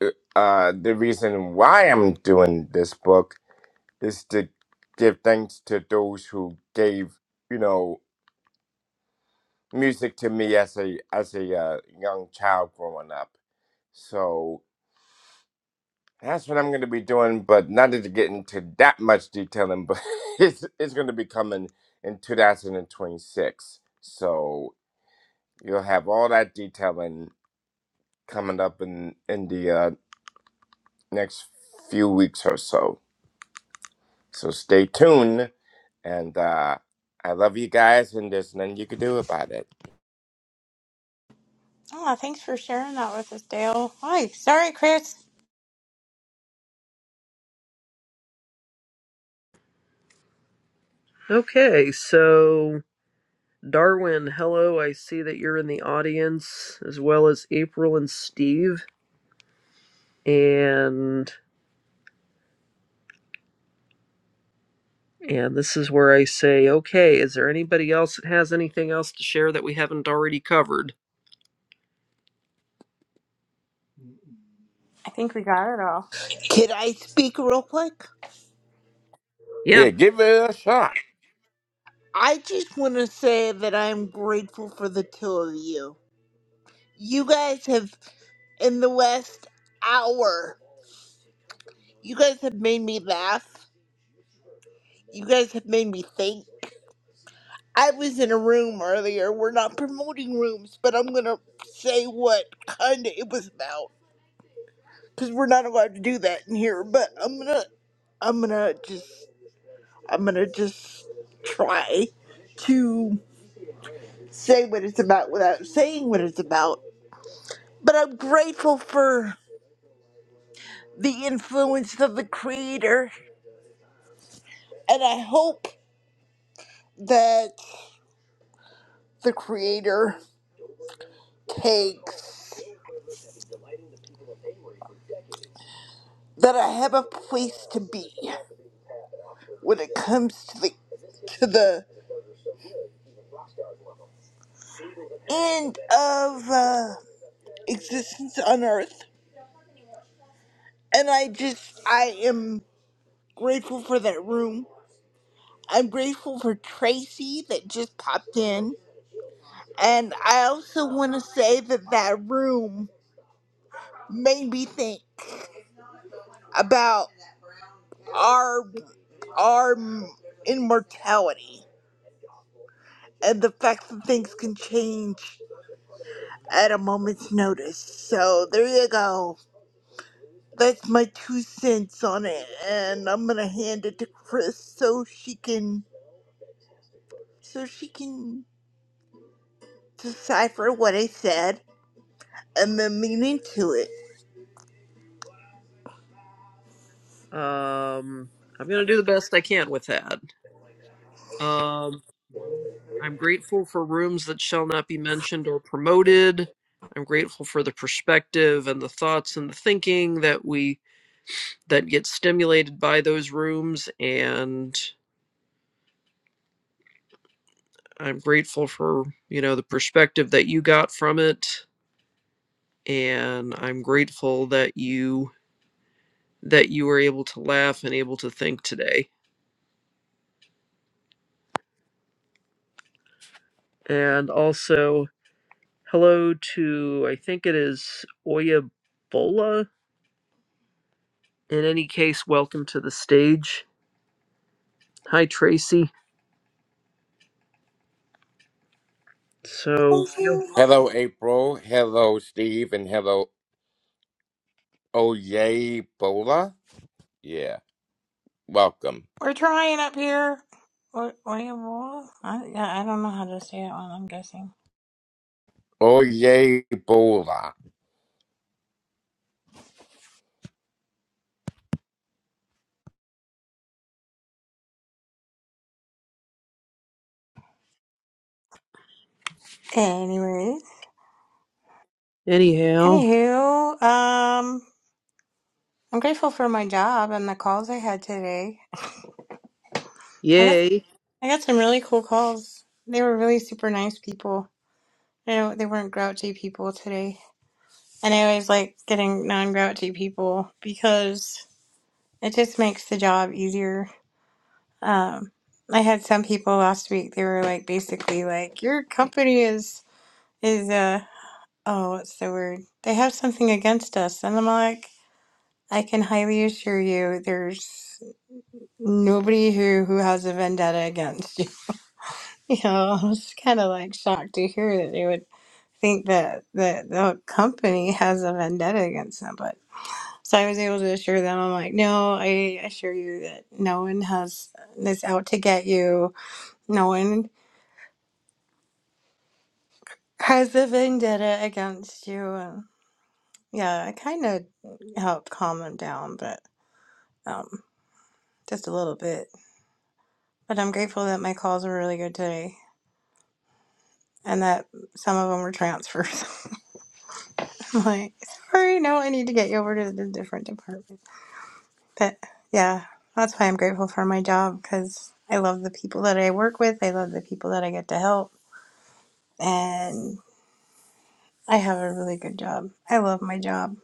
Speaker 5: Uh, uh, the reason why I'm doing this book is to give thanks to those who gave, you know. music to me as a as a uh, young child growing up. So that's what I'm going to be doing, but not to get into that much detailing, but it's it's going to be coming in 2026. So you'll have all that detailing coming up in in the uh, next few weeks or so. So stay tuned, and uh, I love you guys, and there's nothing you can do about it.
Speaker 1: Oh, thanks for sharing that with us, Dale. Hi. Sorry, Chris.
Speaker 2: Okay, so Darwin, hello. I see that you're in the audience as well as April and Steve. And and this is where I say, okay, is there anybody else that has anything else to share that we haven't already covered?
Speaker 1: I think we got it all.
Speaker 3: Can I speak real quick?
Speaker 2: Yeah.
Speaker 5: Yeah, give it a shot.
Speaker 3: I just want to say that I'm grateful for the two of you. You guys have, in the last hour, you guys have made me laugh. You guys have made me think. I was in a room earlier. We're not promoting rooms, but I'm gonna say what kinda it was about because we're not allowed to do that in here. But I'm gonna, I'm gonna just, I'm gonna just try to say what it's about without saying what it's about. But I'm grateful for the influence of the creator, and I hope that the creator takes that I have a place to be. when it comes to the to the end of uh, existence on Earth, and I just I am grateful for that room. I'm grateful for Tracy that just popped in, and I also want to say that that room made me think about our our immortality and the fact that things can change at a moment's notice. So there you go. That's my two cents on it, and I'm gonna hand it to Chris so she can so she can decipher what I said and the meaning to it.
Speaker 2: Um I'm going to do the best I can with that. Um, I'm grateful for rooms that shall not be mentioned or promoted. I'm grateful for the perspective and the thoughts and the thinking that we that get stimulated by those rooms and I'm grateful for, you know, the perspective that you got from it and I'm grateful that you that you were able to laugh and able to think today. And also hello to I think it is Oya In any case, welcome to the stage. Hi, Tracy. So,
Speaker 1: Thank
Speaker 2: feel-
Speaker 1: you.
Speaker 5: Hello, April. Hello, Steve, and hello, Oyebola? Yeah, welcome.
Speaker 1: We're trying up here. What, what do you I, yeah, I don't know how to say that one, I'm guessing.
Speaker 5: Oyebola.
Speaker 1: Anyways.
Speaker 2: anyhow,
Speaker 1: Anywho, um, I'm grateful for my job and the calls I had today. I got
Speaker 2: yay.
Speaker 1: I got some really cool calls. They were really super nice people. You know, they weren't grouchy people today. And I always like getting non grouchy people because it just makes the job easier Um, I had some people last week, they were like basically like, your company is is uh oh, what's the word? They have something against us. And I'm like, I can highly assure you there's nobody who who has a vendetta against you. You know, I was kind of like shocked to hear that they would think that that the company has a vendetta against them, but so I was able to assure them, I'm like, no, I assure you that no one has is out to get you. No one. Husband did it against you, and yeah, I kind of helped calm him down, but um, just a little bit. But I'm grateful that my calls were really good today, and that some of them were transfers. I'm like, sorry, no, I need to get you over to the different department. But yeah, that's why I'm grateful for my job because I love the people that I work with. I love the people that I get to help, and I have a really good job. I love my job.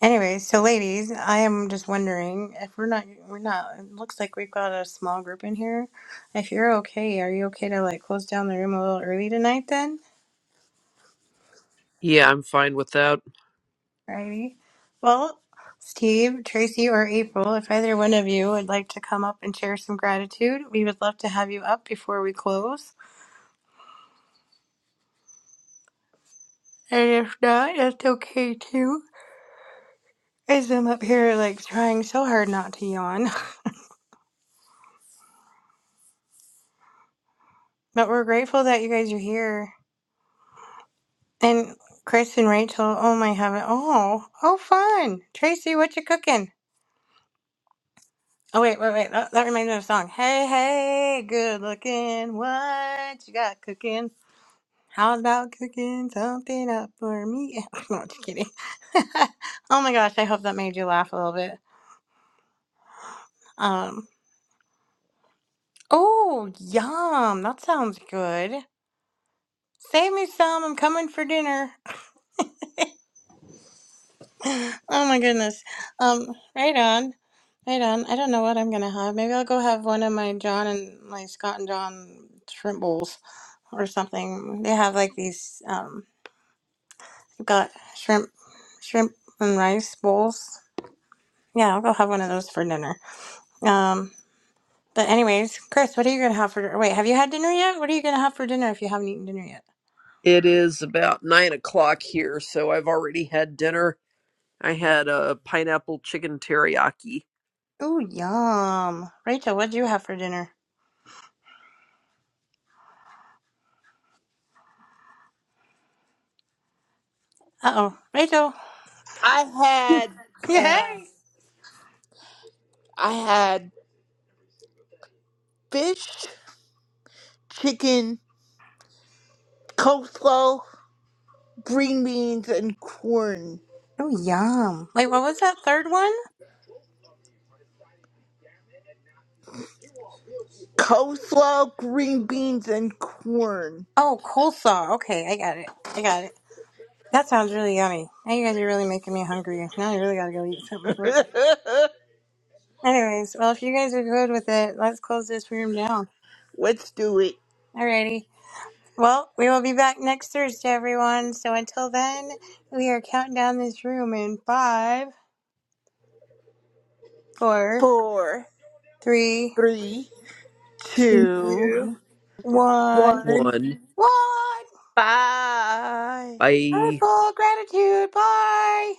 Speaker 1: Anyway, so ladies, I am just wondering if we're not, we're not, it looks like we've got a small group in here. If you're okay, are you okay to like close down the room a little early tonight then?
Speaker 2: Yeah, I'm fine with that.
Speaker 1: Alrighty. Well, Steve, Tracy, or April, if either one of you would like to come up and share some gratitude, we would love to have you up before we close. And if not, that's okay too. As I'm up here like trying so hard not to yawn. But we're grateful that you guys are here. And Chris and Rachel, oh my heaven. Oh, oh fun. Tracy, what you cooking? Oh wait, wait, wait. That, that reminds me of a song. Hey, hey, good looking. What you got cooking? How about cooking something up for me? no, just kidding. oh my gosh, I hope that made you laugh a little bit. Um, oh, yum. That sounds good. Save me some. I'm coming for dinner. Oh my goodness. Um, right on. Right on. I don't know what I'm gonna have. Maybe I'll go have one of my John and my Scott and John shrimp bowls or something. They have like these um they've got shrimp shrimp and rice bowls. Yeah, I'll go have one of those for dinner. Um but anyways, Chris, what are you gonna have for wait, have you had dinner yet? What are you gonna have for dinner if you haven't eaten dinner yet?
Speaker 2: It is about nine o'clock here, so I've already had dinner. I had a pineapple chicken teriyaki
Speaker 1: Ooh, yum. Rachel, what'd you have for dinner? Uh oh. Rachel.
Speaker 3: I had um,
Speaker 1: Yay.
Speaker 3: I had fish, chicken, coleslaw, green beans, and corn.
Speaker 1: Oh, yum. Wait, what was that third one?
Speaker 3: Coleslaw, green beans, and corn.
Speaker 1: Oh, coleslaw. Okay, I got it. I got it. That sounds really yummy. Now you guys are really making me hungry. Now I really gotta go eat something for dinner. Anyways, well, if you guys are good with it, let's close this room down.
Speaker 3: Let's do it.
Speaker 1: Alrighty. Well, we will be back next Thursday, everyone. So until then, we are counting down this room in five, four,
Speaker 3: Four,
Speaker 1: three,
Speaker 3: three,
Speaker 1: two,
Speaker 3: two,
Speaker 1: one. One.
Speaker 3: one.
Speaker 2: one.
Speaker 3: Bye.
Speaker 2: Bye.
Speaker 1: Heartful gratitude. Bye.